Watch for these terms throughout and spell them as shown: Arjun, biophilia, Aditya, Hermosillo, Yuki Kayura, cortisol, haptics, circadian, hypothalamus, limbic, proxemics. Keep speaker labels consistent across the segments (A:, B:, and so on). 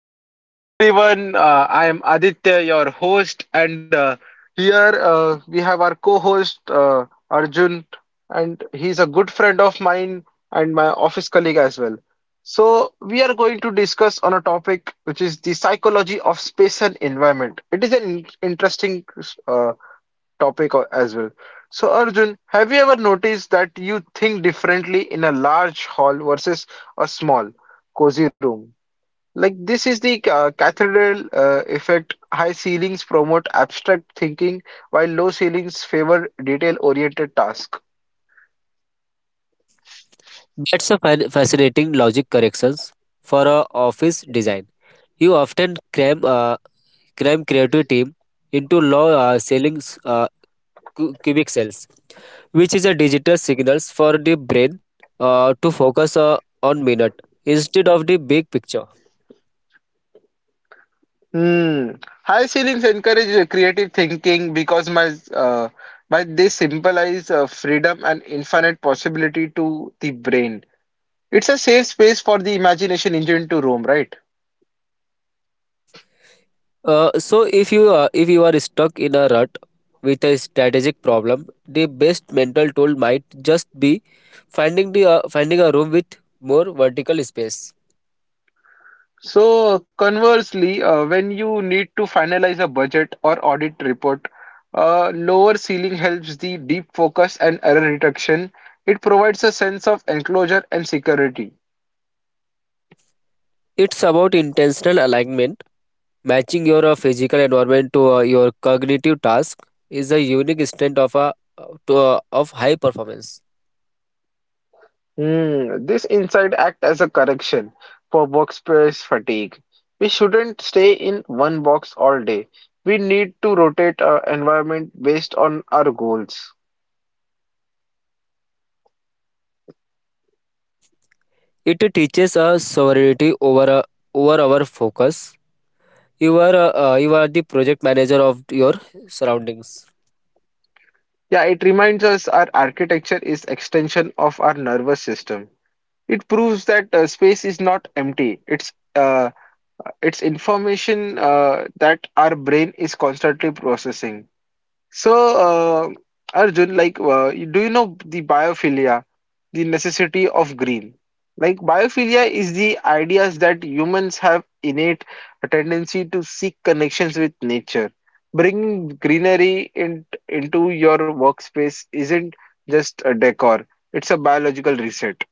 A: So, hello everyone. I am Aditya, your host, and here we have our co-host Arjun, and he's a good friend of mine and my office colleague as well. So, we are going to discuss on a topic which is the psychology of space and environment. It is an interesting uh, topic as well. So, Arjun, have you ever noticed that you think differently in a large hall versus a small, cozy room? Like this is the cathedral effect. High ceilings promote abstract thinking, while low ceilings favor detail-oriented tasks.
B: That's a fascinating logic corrections for a office design. You often cram creative team into low selling cubic cells, which is a digital signals for the brain to focus on minute instead of the big picture.
A: Hmm. High ceilings encourage creative thinking because my by they symbolize freedom and infinite possibility to the brain. It's a safe space for the imagination engine to roam, right?
B: So if you are stuck in a rut with a strategic problem, the best mental tool might just be finding a room with more vertical space.
A: So conversely, when you need to finalize a budget or audit report, lower ceiling helps the deep focus and error reduction. It provides a sense of enclosure and security.
B: It's about intentional alignment. Matching your physical environment to your cognitive task is a unique strength of a of high performance.
A: Hmm, this insight act as a correction for workspace fatigue. We shouldn't stay in one box all day. We need to rotate our environment based on our goals.
B: It teaches us sovereignty over our focus. You are the project manager of your surroundings.
A: Yeah, it reminds us our architecture is extension of our nervous system. It proves that space is not empty. It's information that our brain is constantly processing. So, uh, Arjun, like, do you know the biophilia, the necessity of green? Like, biophilia is the ideas that humans have innate a tendency to seek connections with nature. Bringing greenery in, into your workspace isn't just a decor; it's a biological reset.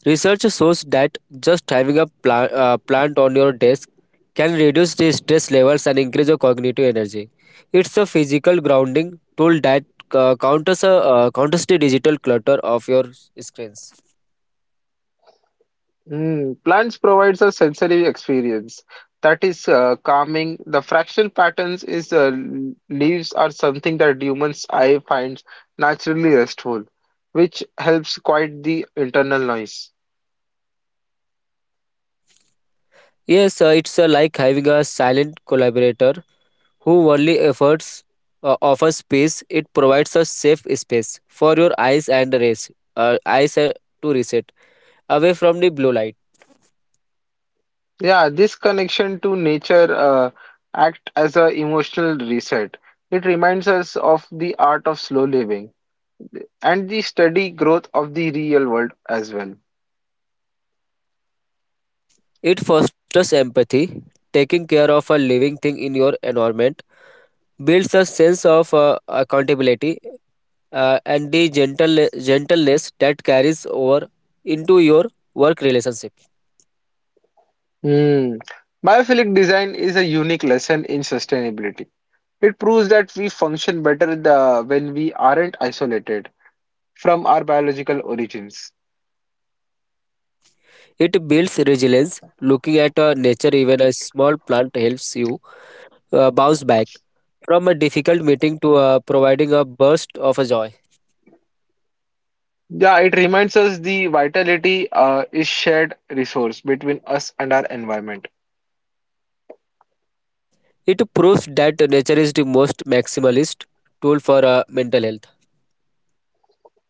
B: Research shows that just having a plant on your desk can reduce the stress levels and increase your cognitive energy. It's a physical grounding tool that counters the digital clutter of your screens.
A: Mm, plants provides a sensory experience that is calming. The fractal patterns is leaves are something that humans eye finds naturally restful, which helps quiet the internal noise.
B: Yes, it's like having a silent collaborator who only efforts offers peace. It provides a safe space for your eyes to reset away from the blue light.
A: Yeah, this connection to nature act as a emotional reset. It reminds us of the art of slow living and the steady growth of the real world as well.
B: It fosters empathy, taking care of a living thing in your environment, builds a sense of accountability and the gentleness that carries over into your work relationship.
A: Mm. Biophilic design is a unique lesson in sustainability. It proves that we function better the, when we aren't isolated from our biological origins.
B: It builds resilience, looking at nature, even a small plant helps you bounce back from a difficult meeting to providing a burst of joy.
A: Yeah, it reminds us the vitality is shared resource between us and our environment.
B: It proves that nature is the most maximalist tool for mental health.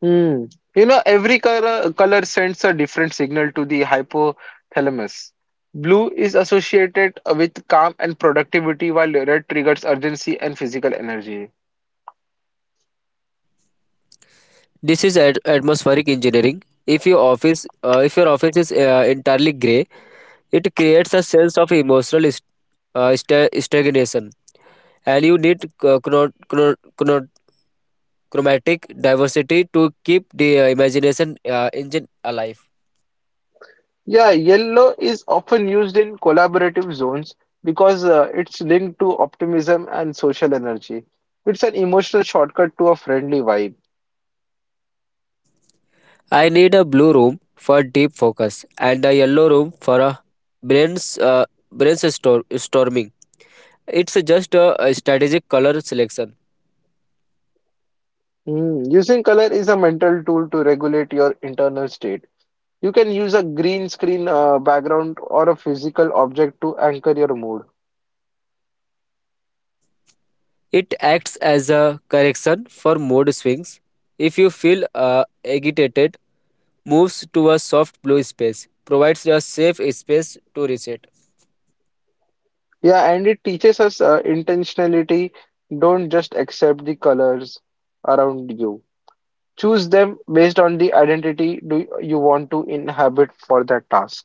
A: Hmm. You know, every color sends a different signal to the hypothalamus. Blue is associated with calm and productivity, while red triggers urgency and physical energy.
B: This is at atmospheric engineering. If your office is entirely grey, it creates a sense of emotional stagnation, and you need chromatic diversity to keep the imagination engine alive.
A: Yeah, yellow is often used in collaborative zones because it's linked to optimism and social energy. It's an emotional shortcut to a friendly vibe.
B: I need a blue room for deep focus and a yellow room for a brains uh, storming. It's just a strategic color selection.
A: Hmm, Using color is a mental tool to regulate your internal state. You can use a green screen background or a physical object to anchor your mood.
B: It acts as a correction for mood swings. If you feel agitated, moves to a soft blue space, provides a safe space to reset.
A: Yeah, and it teaches us intentionality. Don't just accept the colors around you. Choose them based on the identity do you want to inhabit for that task.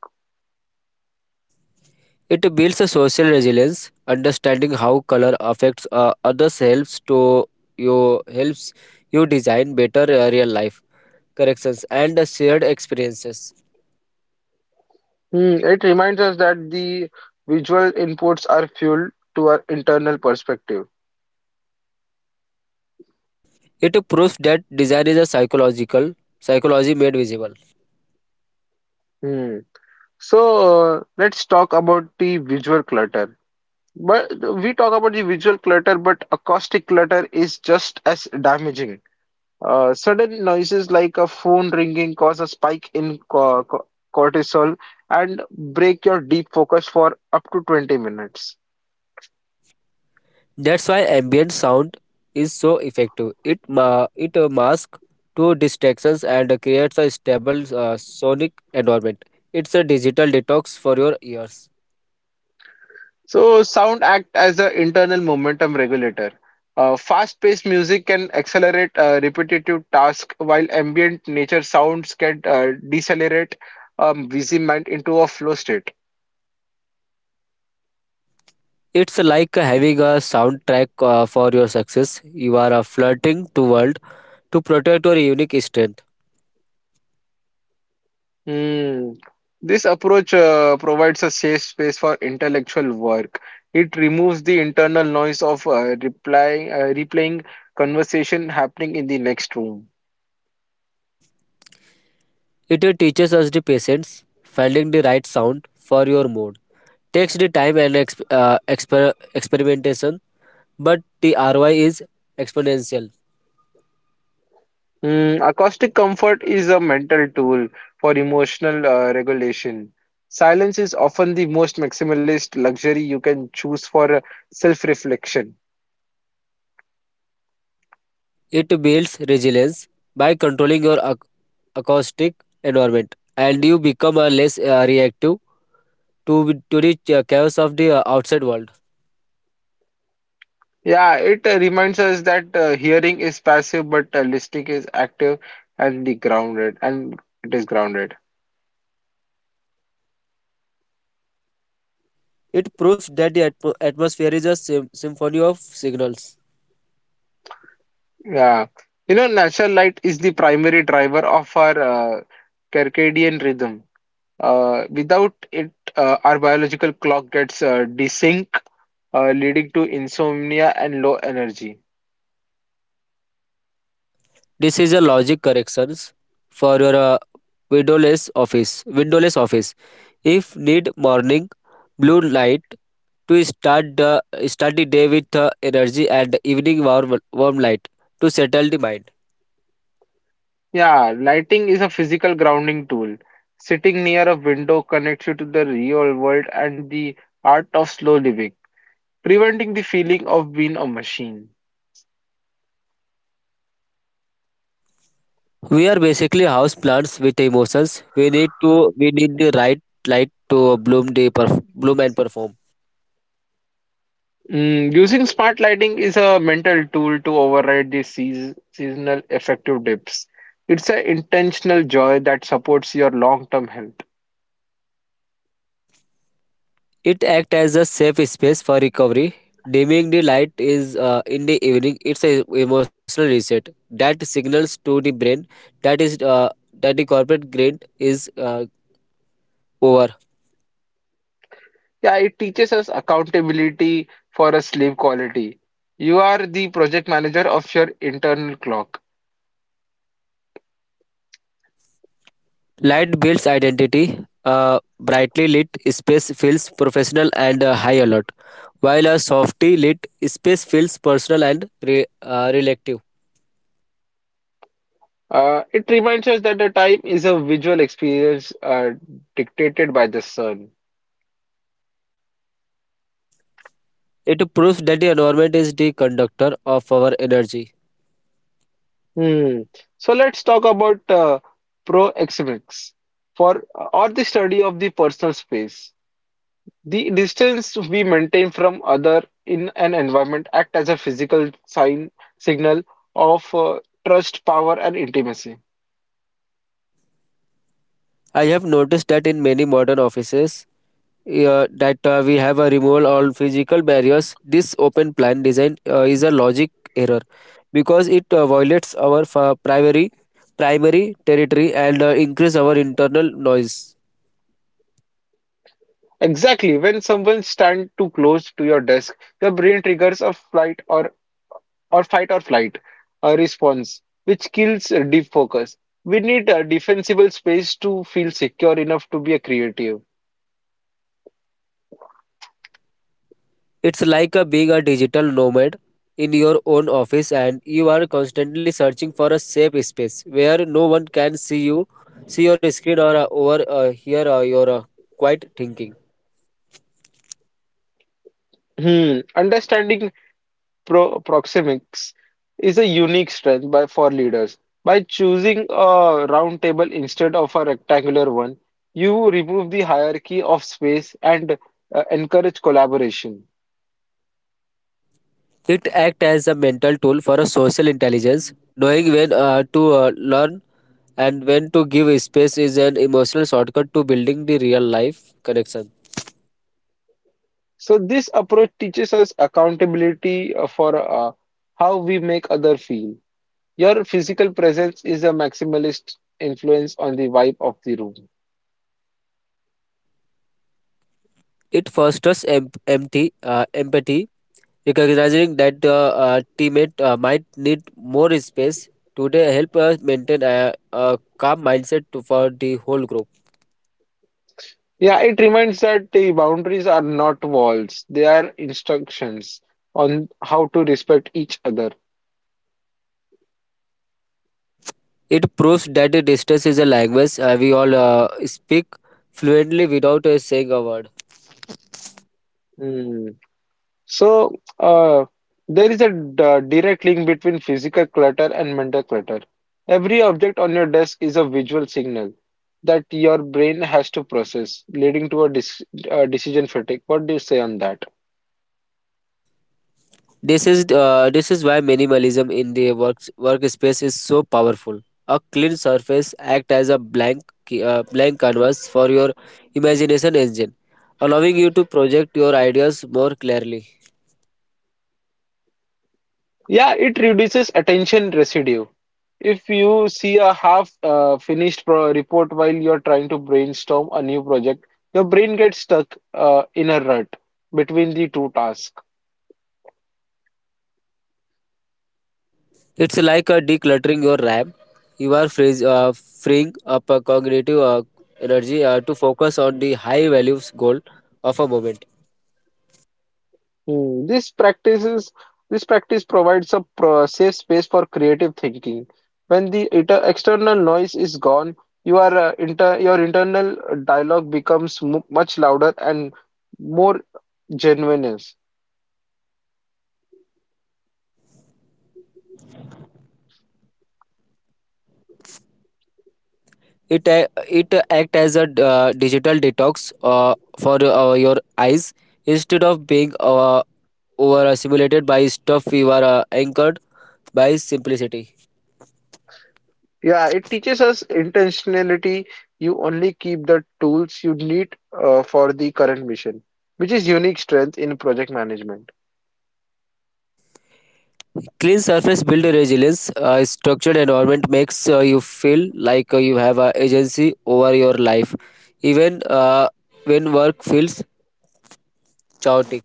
B: It builds a social resilience. Understanding how color affects others helps you design better real life corrections and shared experiences.
A: Hmm, It reminds us that the visual inputs are fuel to our internal perspective.
B: It proves that design is a psychological psychology made visible.
A: Hmm. So let's talk about the visual clutter. But we talk about the visual clutter, but acoustic clutter is just as damaging. Sudden noises like a phone ringing cause a spike in cortisol and break your deep focus for up to 20 minutes.
B: That's why ambient sound is so effective. It masks two distractions and creates a stable sonic environment. It's a digital detox for your ears.
A: So sound act as an internal momentum regulator. Fast-paced music can accelerate repetitive tasks, while ambient nature sounds can decelerate busy mind into a flow state.
B: It's like having a soundtrack for your success. You are flirting to world to protect your unique strength.
A: Hmm. This approach provides a safe space for intellectual work. It removes the internal noise of replaying conversation happening in the next room.
B: It teaches us the patience, finding the right sound for your mood. Takes the time and experimentation, but the ROI is exponential.
A: Mm, acoustic comfort is a mental tool for emotional regulation. Silence is often the most maximalist luxury you can choose for self-reflection.
B: It builds resilience by controlling your acoustic environment, and you become less reactive to the chaos of the outside world.
A: Yeah, it reminds us that hearing is passive, but listening is active and the grounded, and it is grounded.
B: It proves that the atmosphere is a symphony of signals.
A: Yeah, you know, natural light is the primary driver of our circadian rhythm. Without it, our biological clock gets desynced leading to insomnia and low energy.
B: This is a logic corrections for your windowless office. Windowless office. If need morning blue light to start the day with energy and evening warm light to settle the mind.
A: Yeah, lighting is a physical grounding tool. Sitting near a window connects you to the real world and the art of slow living, preventing the feeling of being a machine.
B: We are basically house plants with emotions. We need the right light to bloom and perform.
A: Mm, using smart lighting is a mental tool to override the seasonal affective dips. It's an intentional joy that supports your long-term health.
B: It acts as a safe space for recovery. Dimming the light is in the evening. It's an emotional reset that signals to the brain that is uh, that the corporate grind is over.
A: Yeah, it teaches us accountability for a sleep quality. You are the project manager of your internal clock.
B: Light builds identity. A brightly lit space feels professional and high alert, while a softly lit space feels personal and relative.
A: It reminds us that the time is a visual experience dictated by the sun.
B: It proves that the environment is the conductor of our energy.
A: Hmm. So let's talk about proxemics for or the study of the personal space. The distance we maintain from other in an environment act as a physical signal of trust, power, and intimacy.
B: I have noticed that in many modern offices that we have a removal all physical barriers. This open plan design is a logic error because it violates our primary territory and increase our internal noise.
A: Exactly. When someone stands too close to your desk, your brain triggers a flight or fight or flight a response, which kills deep focus. We need a defensible space to feel secure enough to be a creative.
B: It's like a being a digital nomad in your own office and you are constantly searching for a safe space where no one can see you, see your screen or over hear your quiet thinking.
A: Hmm. Understanding proxemics is a unique strength by for leaders. By choosing a round table instead of a rectangular one, you remove the hierarchy of space and encourage collaboration.
B: It acts as a mental tool for a social intelligence. Knowing when to learn and when to give space is an emotional shortcut to building the real life connection.
A: So this approach teaches us accountability for how we make other feel. Your physical presence is a maximalist influence on the vibe of the room.
B: It fosters empathy. Recognizing that the teammate might need more space today help us maintain a calm mindset for the whole group.
A: Yeah, it reminds that the boundaries are not walls; they are instructions on how to respect each other.
B: It proves that the distance is a language we all speak fluently without saying a word.
A: Hmm. So, uh, there is a direct link between physical clutter and mental clutter. Every object on your desk is a visual signal that your brain has to process, leading to a decision fatigue. What do you say on that?
B: This is why minimalism in the workspace is so powerful. A clean surface acts as a blank canvas for your imagination engine, allowing you to project your ideas more clearly.
A: Yeah, it reduces attention residue. If you see a half finished pro report while you're trying to brainstorm a new project, your brain gets stuck in a rut between the two tasks.
B: It's like decluttering your RAM. You are freeing up cognitive energy to focus on the high values goal of a moment.
A: Hmm, This practice provides a safe space for creative thinking. When the inter external noise is gone, your internal dialogue becomes mu much louder and more genuineness.
B: It act as a digital detox for your eyes instead of being over stimulated by stuff. You are anchored by simplicity.
A: Yeah, it teaches us intentionality. You only keep the tools you need for the current mission, which is unique strength in project management.
B: Clean surface build resilience. A structured environment makes you feel like you have agency over your life, even when work feels chaotic.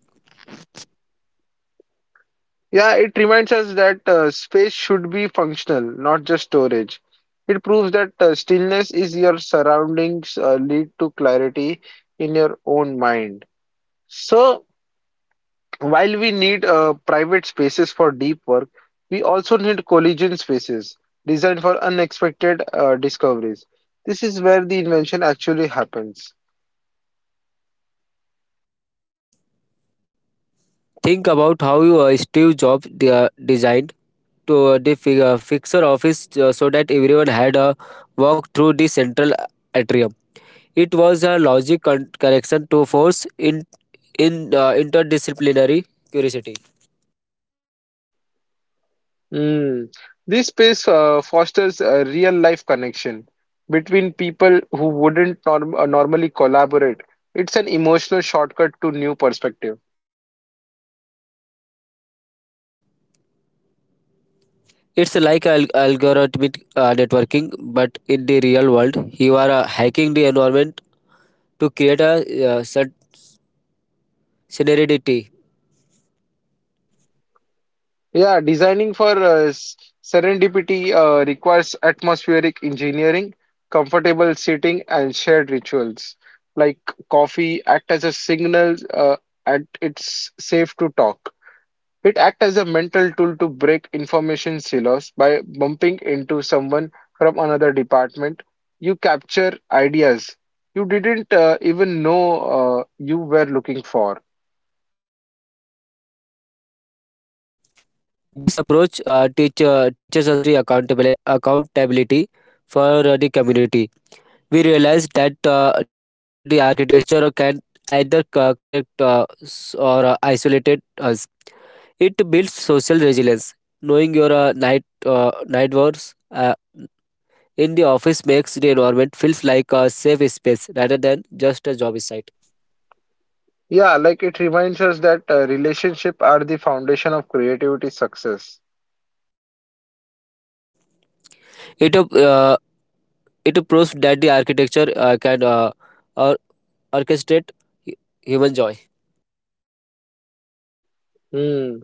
A: Yeah, it reminds us that space should be functional, not just storage. It proves that stillness is your surroundings lead to clarity in your own mind. So, while we need private spaces for deep work, we also need collision spaces designed for unexpected discoveries. This is where the invention actually happens.
B: Think about how Steve Jobs designed to fixer office so that everyone had a walk through the central atrium. It was a logic correction to force in interdisciplinary curiosity.
A: Mm. This space fosters a real life connection between people who wouldn't normally collaborate. It's an emotional shortcut to new perspective.
B: It's like algorithmic networking, but in the real world, you are hacking the environment to create a uh, cert- solidarity.
A: Yeah, designing for serendipity requires atmospheric engineering, comfortable seating, and shared rituals. Like coffee act as a signal and it's safe to talk. It acts as a mental tool to break information silos by bumping into someone from another department. You capture ideas you didn't even know you were looking for.
B: This approach teaches us the accountability for the community. We realize that it builds social resilience. Knowing your night wars architecture can either connect or isolate us. In the office makes the environment feels like a safe space rather than just a job site.
A: Yeah, like it reminds us that relationships are the foundation of creativity success.
B: It uh, it proves that the architecture can or orchestrate hu- human joy.
A: Hmm.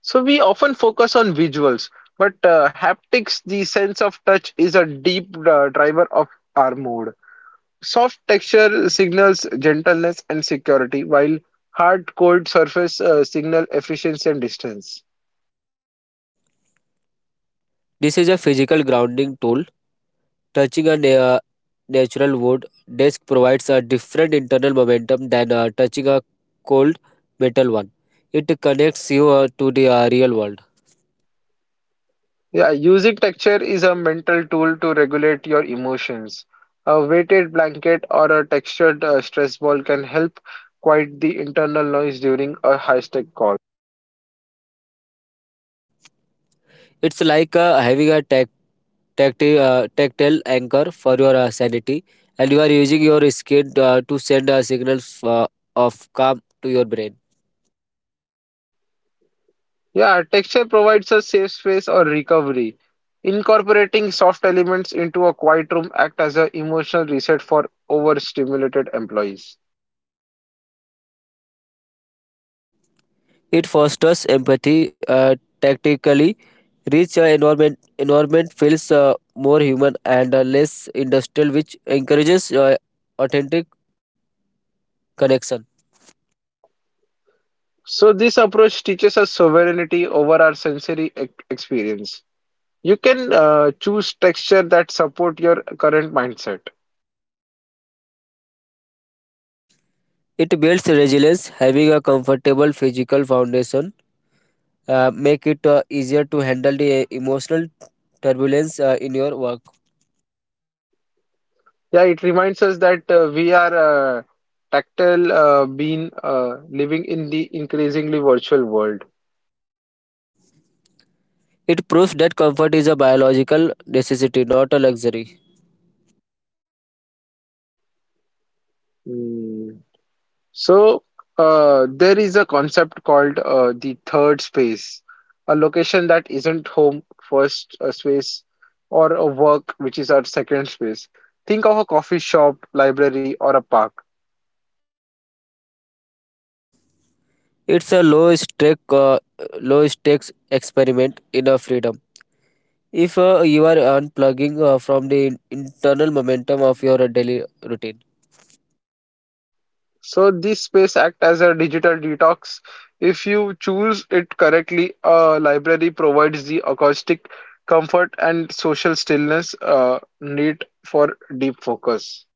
A: So we often focus on visuals, but haptics, the sense of touch, is a deep driver of our mood. Soft texture signals gentleness and security, while hard cold surface signal efficiency and distance.
B: This is a physical grounding tool. Touching a natural wood desk provides a different internal momentum than touching a cold metal one. It connects you to the real world.
A: Yeah, using texture is a mental tool to regulate your emotions. A weighted blanket or a textured stress ball can help quiet the internal noise during a high-stake call.
B: It's like having a tactile anchor for your sanity, and you are using your skin to send a signal uh, of calm to your brain.
A: Yeah, texture provides a safe space or recovery. Incorporating soft elements into a quiet room act as an emotional reset for overstimulated employees.
B: It fosters empathy. Tactically, rich environment feels more human and less industrial, which encourages authentic connection.
A: So this approach teaches us sovereignty over our sensory experience. You can choose texture that support your current mindset.
B: It builds resilience, having a comfortable physical foundation make it easier to handle the emotional turbulence in your work.
A: Yeah, it reminds us that we are tactile being living in the increasingly virtual world.
B: It proves that comfort is a biological necessity, not a luxury.
A: Hmm. So, there is a concept called the third space, a location that isn't home, first space, or a work, which is our second space. Think of a coffee shop, library, or a park.
B: It's a low stakes experiment in a freedom. If you are unplugging from the internal momentum of your daily routine,
A: So, this space act as a digital detox. If you choose it correctly, a library provides the acoustic comfort and social stillness need for deep focus.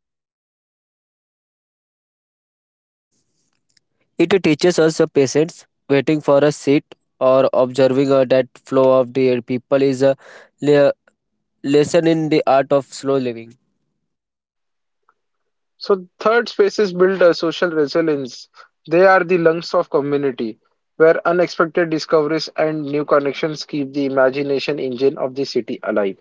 B: it teaches us patience. Waiting for a seat or observing that flow of the people is a le- lesson in the art of slow living.
A: So third spaces build a social resilience. They are the lungs of community, where unexpected discoveries and new connections keep the imagination engine of the city alive.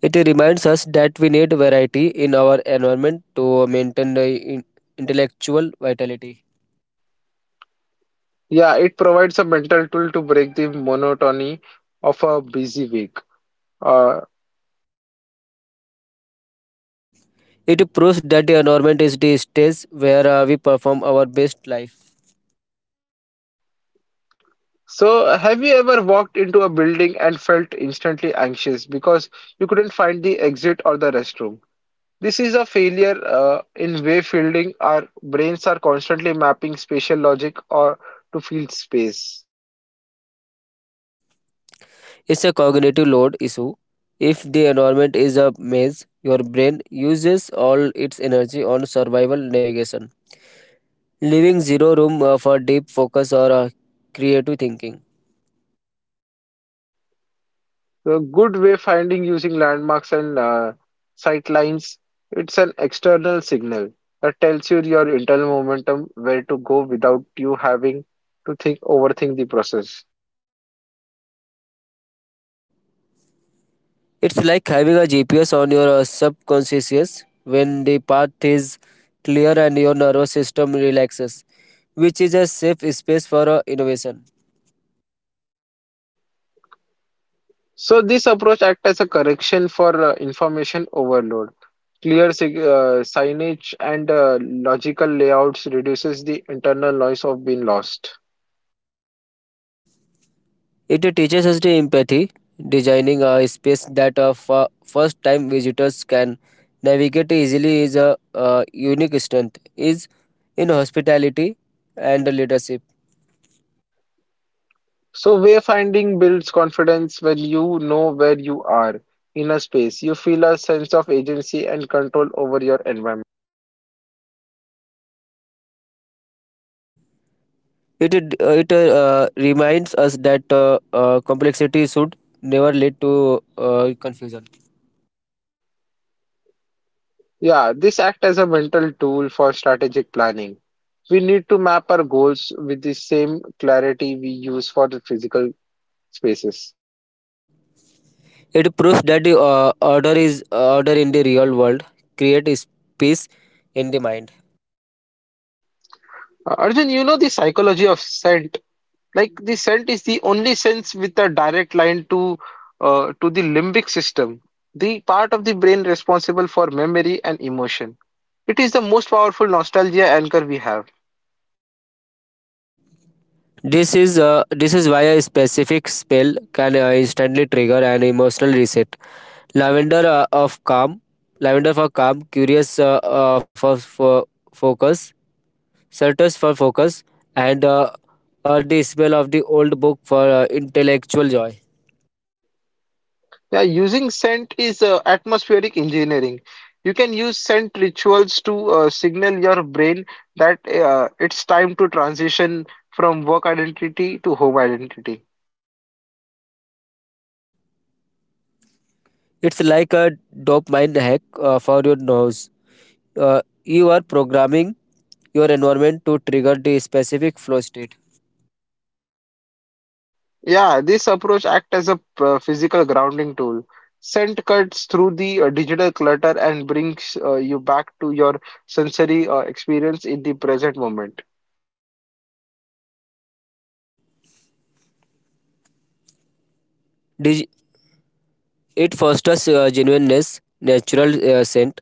B: It reminds us that we need variety in our environment to maintain the in- intellectual vitality.
A: Yeah, it provides a mental tool to break the monotony of a busy week. Uh,
B: It proves that the environment is the stage where we perform our best life.
A: so have you ever walked into a building and felt instantly anxious because you couldn't find the exit or the restroom? This is a failure in wayfielding. Our brains are constantly mapping spatial logic or to field space.
B: It's a cognitive load issue. If the environment is a maze, your brain uses all its energy on survival navigation, leaving zero room for deep focus or creative thinking.
A: The good wayfinding using landmarks and sight lines, it's an external signal that tells you your internal momentum where to go without you having to think overthink the process.
B: It's like having a GPS on your subconscious when the path is clear and your nervous system relaxes, which is a safe space for innovation.
A: So this approach acts as a correction for information overload. Clear signage and logical layouts reduces the internal noise of being lost.
B: It teaches us the empathy, designing a space that for first time visitors can navigate easily is a unique strength is in hospitality and leadership.
A: So wayfinding builds confidence when you know where you are in a space. You feel a sense of agency and control over your environment.
B: It it reminds us that complexity should never lead to confusion.
A: Yeah, this acts as a mental tool for strategic planning. We need to map our goals with the same clarity we use for the physical spaces.
B: It proves that the order in the real world creates peace in the mind.
A: Arjun, you know the psychology of scent. Like the scent is the only sense with a direct line to to the limbic system, the part of the brain responsible for memory and emotion. It is the most powerful nostalgia anchor we have.
B: This is why a specific spell can instantly trigger an emotional reset. Lavender uh, of calm, lavender for calm, for focus, certus for focus, and the spell of the old book for intellectual joy.
A: Yeah, using scent is atmospheric engineering. You can use scent rituals to signal your brain that it's time to transition from work identity to home identity.
B: It's like a dopamine hack for your nose. You are programming your environment to trigger the specific flow state.
A: Yeah, this approach acts as a physical grounding tool. Scent cuts through the digital clutter and brings you back to your sensory experience in the present moment.
B: Dig- It fosters genuineness, natural scent,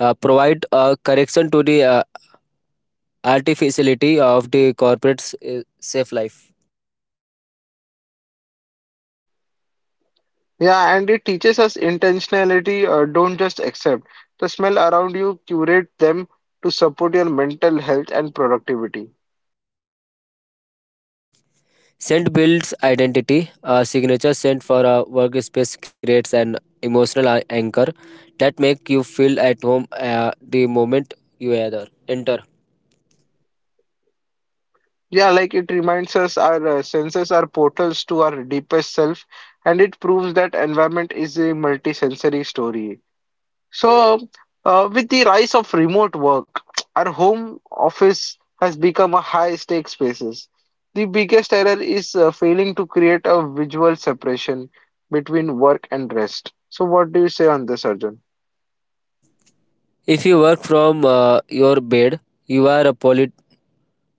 B: provide a correction to the artificiality of the corporate's safe life.
A: Yeah, and it teaches us intentionality. Don't just accept the smell around you, curate them to support your mental health and productivity.
B: Scent builds identity. A signature scent for a workspace creates an emotional anchor that make you feel at home the moment you either enter.
A: Yeah, like it reminds us our senses are portals to our deepest self, and it proves that environment is a multisensory story. So, with the rise of remote work, our home office has become a high-stakes spaces. The biggest error is failing to create a visual separation between work and rest. So, what do you say on this, Arjun?
B: If you work from your bed, you are a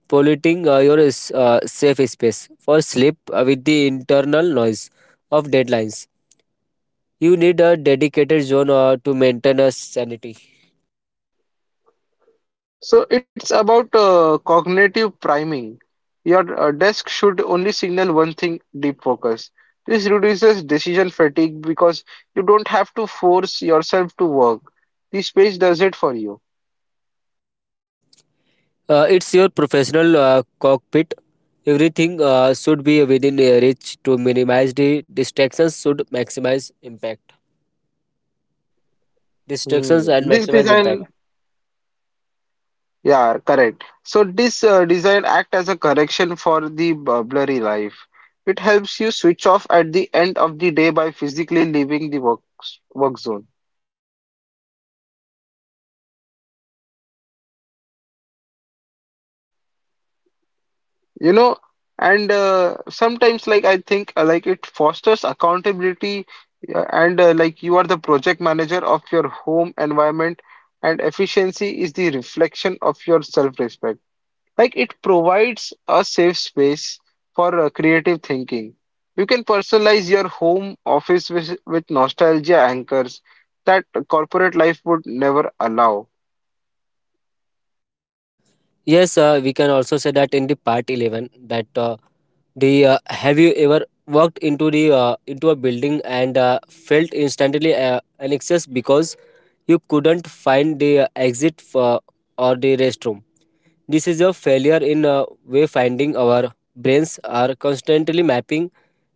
B: polluting your safe space for sleep with the internal noise of deadlines. You need a dedicated zone to maintain a sanity.
A: So, it's about cognitive priming. Your desk should only signal one thing, deep focus. This reduces decision fatigue because you don't have to force yourself to work. The space does it for you.
B: It's your professional cockpit. Everything should be within reach to minimize the distractions should maximize impact. Distractions
A: Hmm.
B: and
A: This
B: maximize impact.
A: design, yeah, correct. So this design act as a correction for the blurry life. It helps you switch off at the end of the day by physically leaving the work zone. You know, and sometimes like I think like it fosters accountability and like you are the project manager of your home environment and efficiency is the reflection of your self-respect. Like it provides a safe space for creative thinking. You can personalize your home office with nostalgia anchors that corporate life would never allow.
B: Yes, we can also say that in the part 11 that the have you ever walked into the into a building and felt instantly an excess because you couldn't find the exit for, or the restroom. This is a failure in wayfinding. Our brains are constantly mapping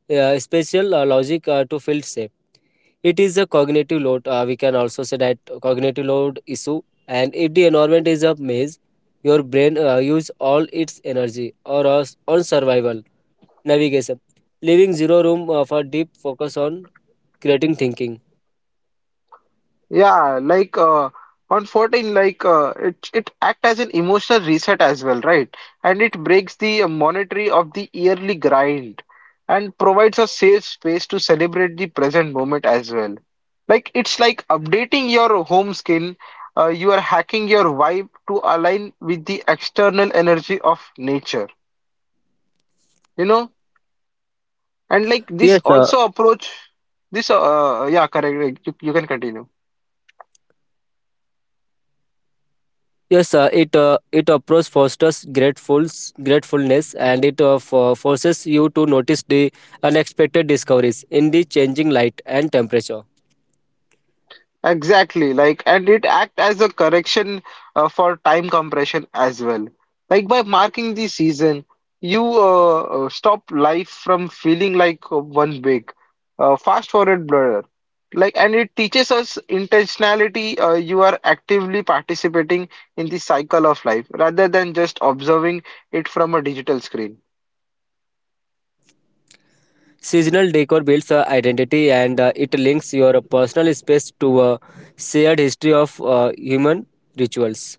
B: spatial logic to feel safe. It is a cognitive load we can also say that cognitive load issue. And if the environment is a maze, your brain use all its energy on survival navigation, leaving zero room for deep focus on creating thinking.
A: Yeah, like on 14, like it act as an emotional reset as well, right? And it breaks the monetary of the yearly grind and provides a safe space to celebrate the present moment as well. Like it's like updating your home skin. You are hacking your vibe to align with the external energy of nature, you know? And like this
B: yes sir
A: also approach this yeah correct. You can continue.
B: yes sir, it approach fosters gratefuls gratefulness and it forces you to notice the unexpected discoveries in the changing light and temperature.
A: Exactly, like, and it act as a correction for time compression as well. Like by marking the season, you stop life from feeling like one big fast forward blur. Like, and it teaches us intentionality. You are actively participating in the cycle of life rather than just observing it from a digital screen.
B: Seasonal decor builds identity and it links your personal space to a shared history of human rituals.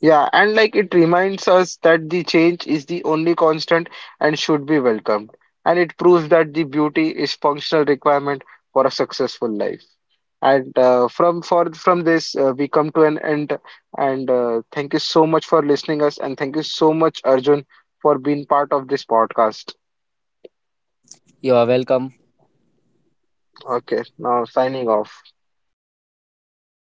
A: Yeah, and like it reminds us that the change is the only constant and should be welcomed. And it proves that the beauty is functional requirement for a successful life. And from this we come to an end. And thank you so much for listening us, and thank you so much Arjun for being part of this podcast.
B: You are welcome.
A: Okay, now signing off.
B: Yeah, thank you.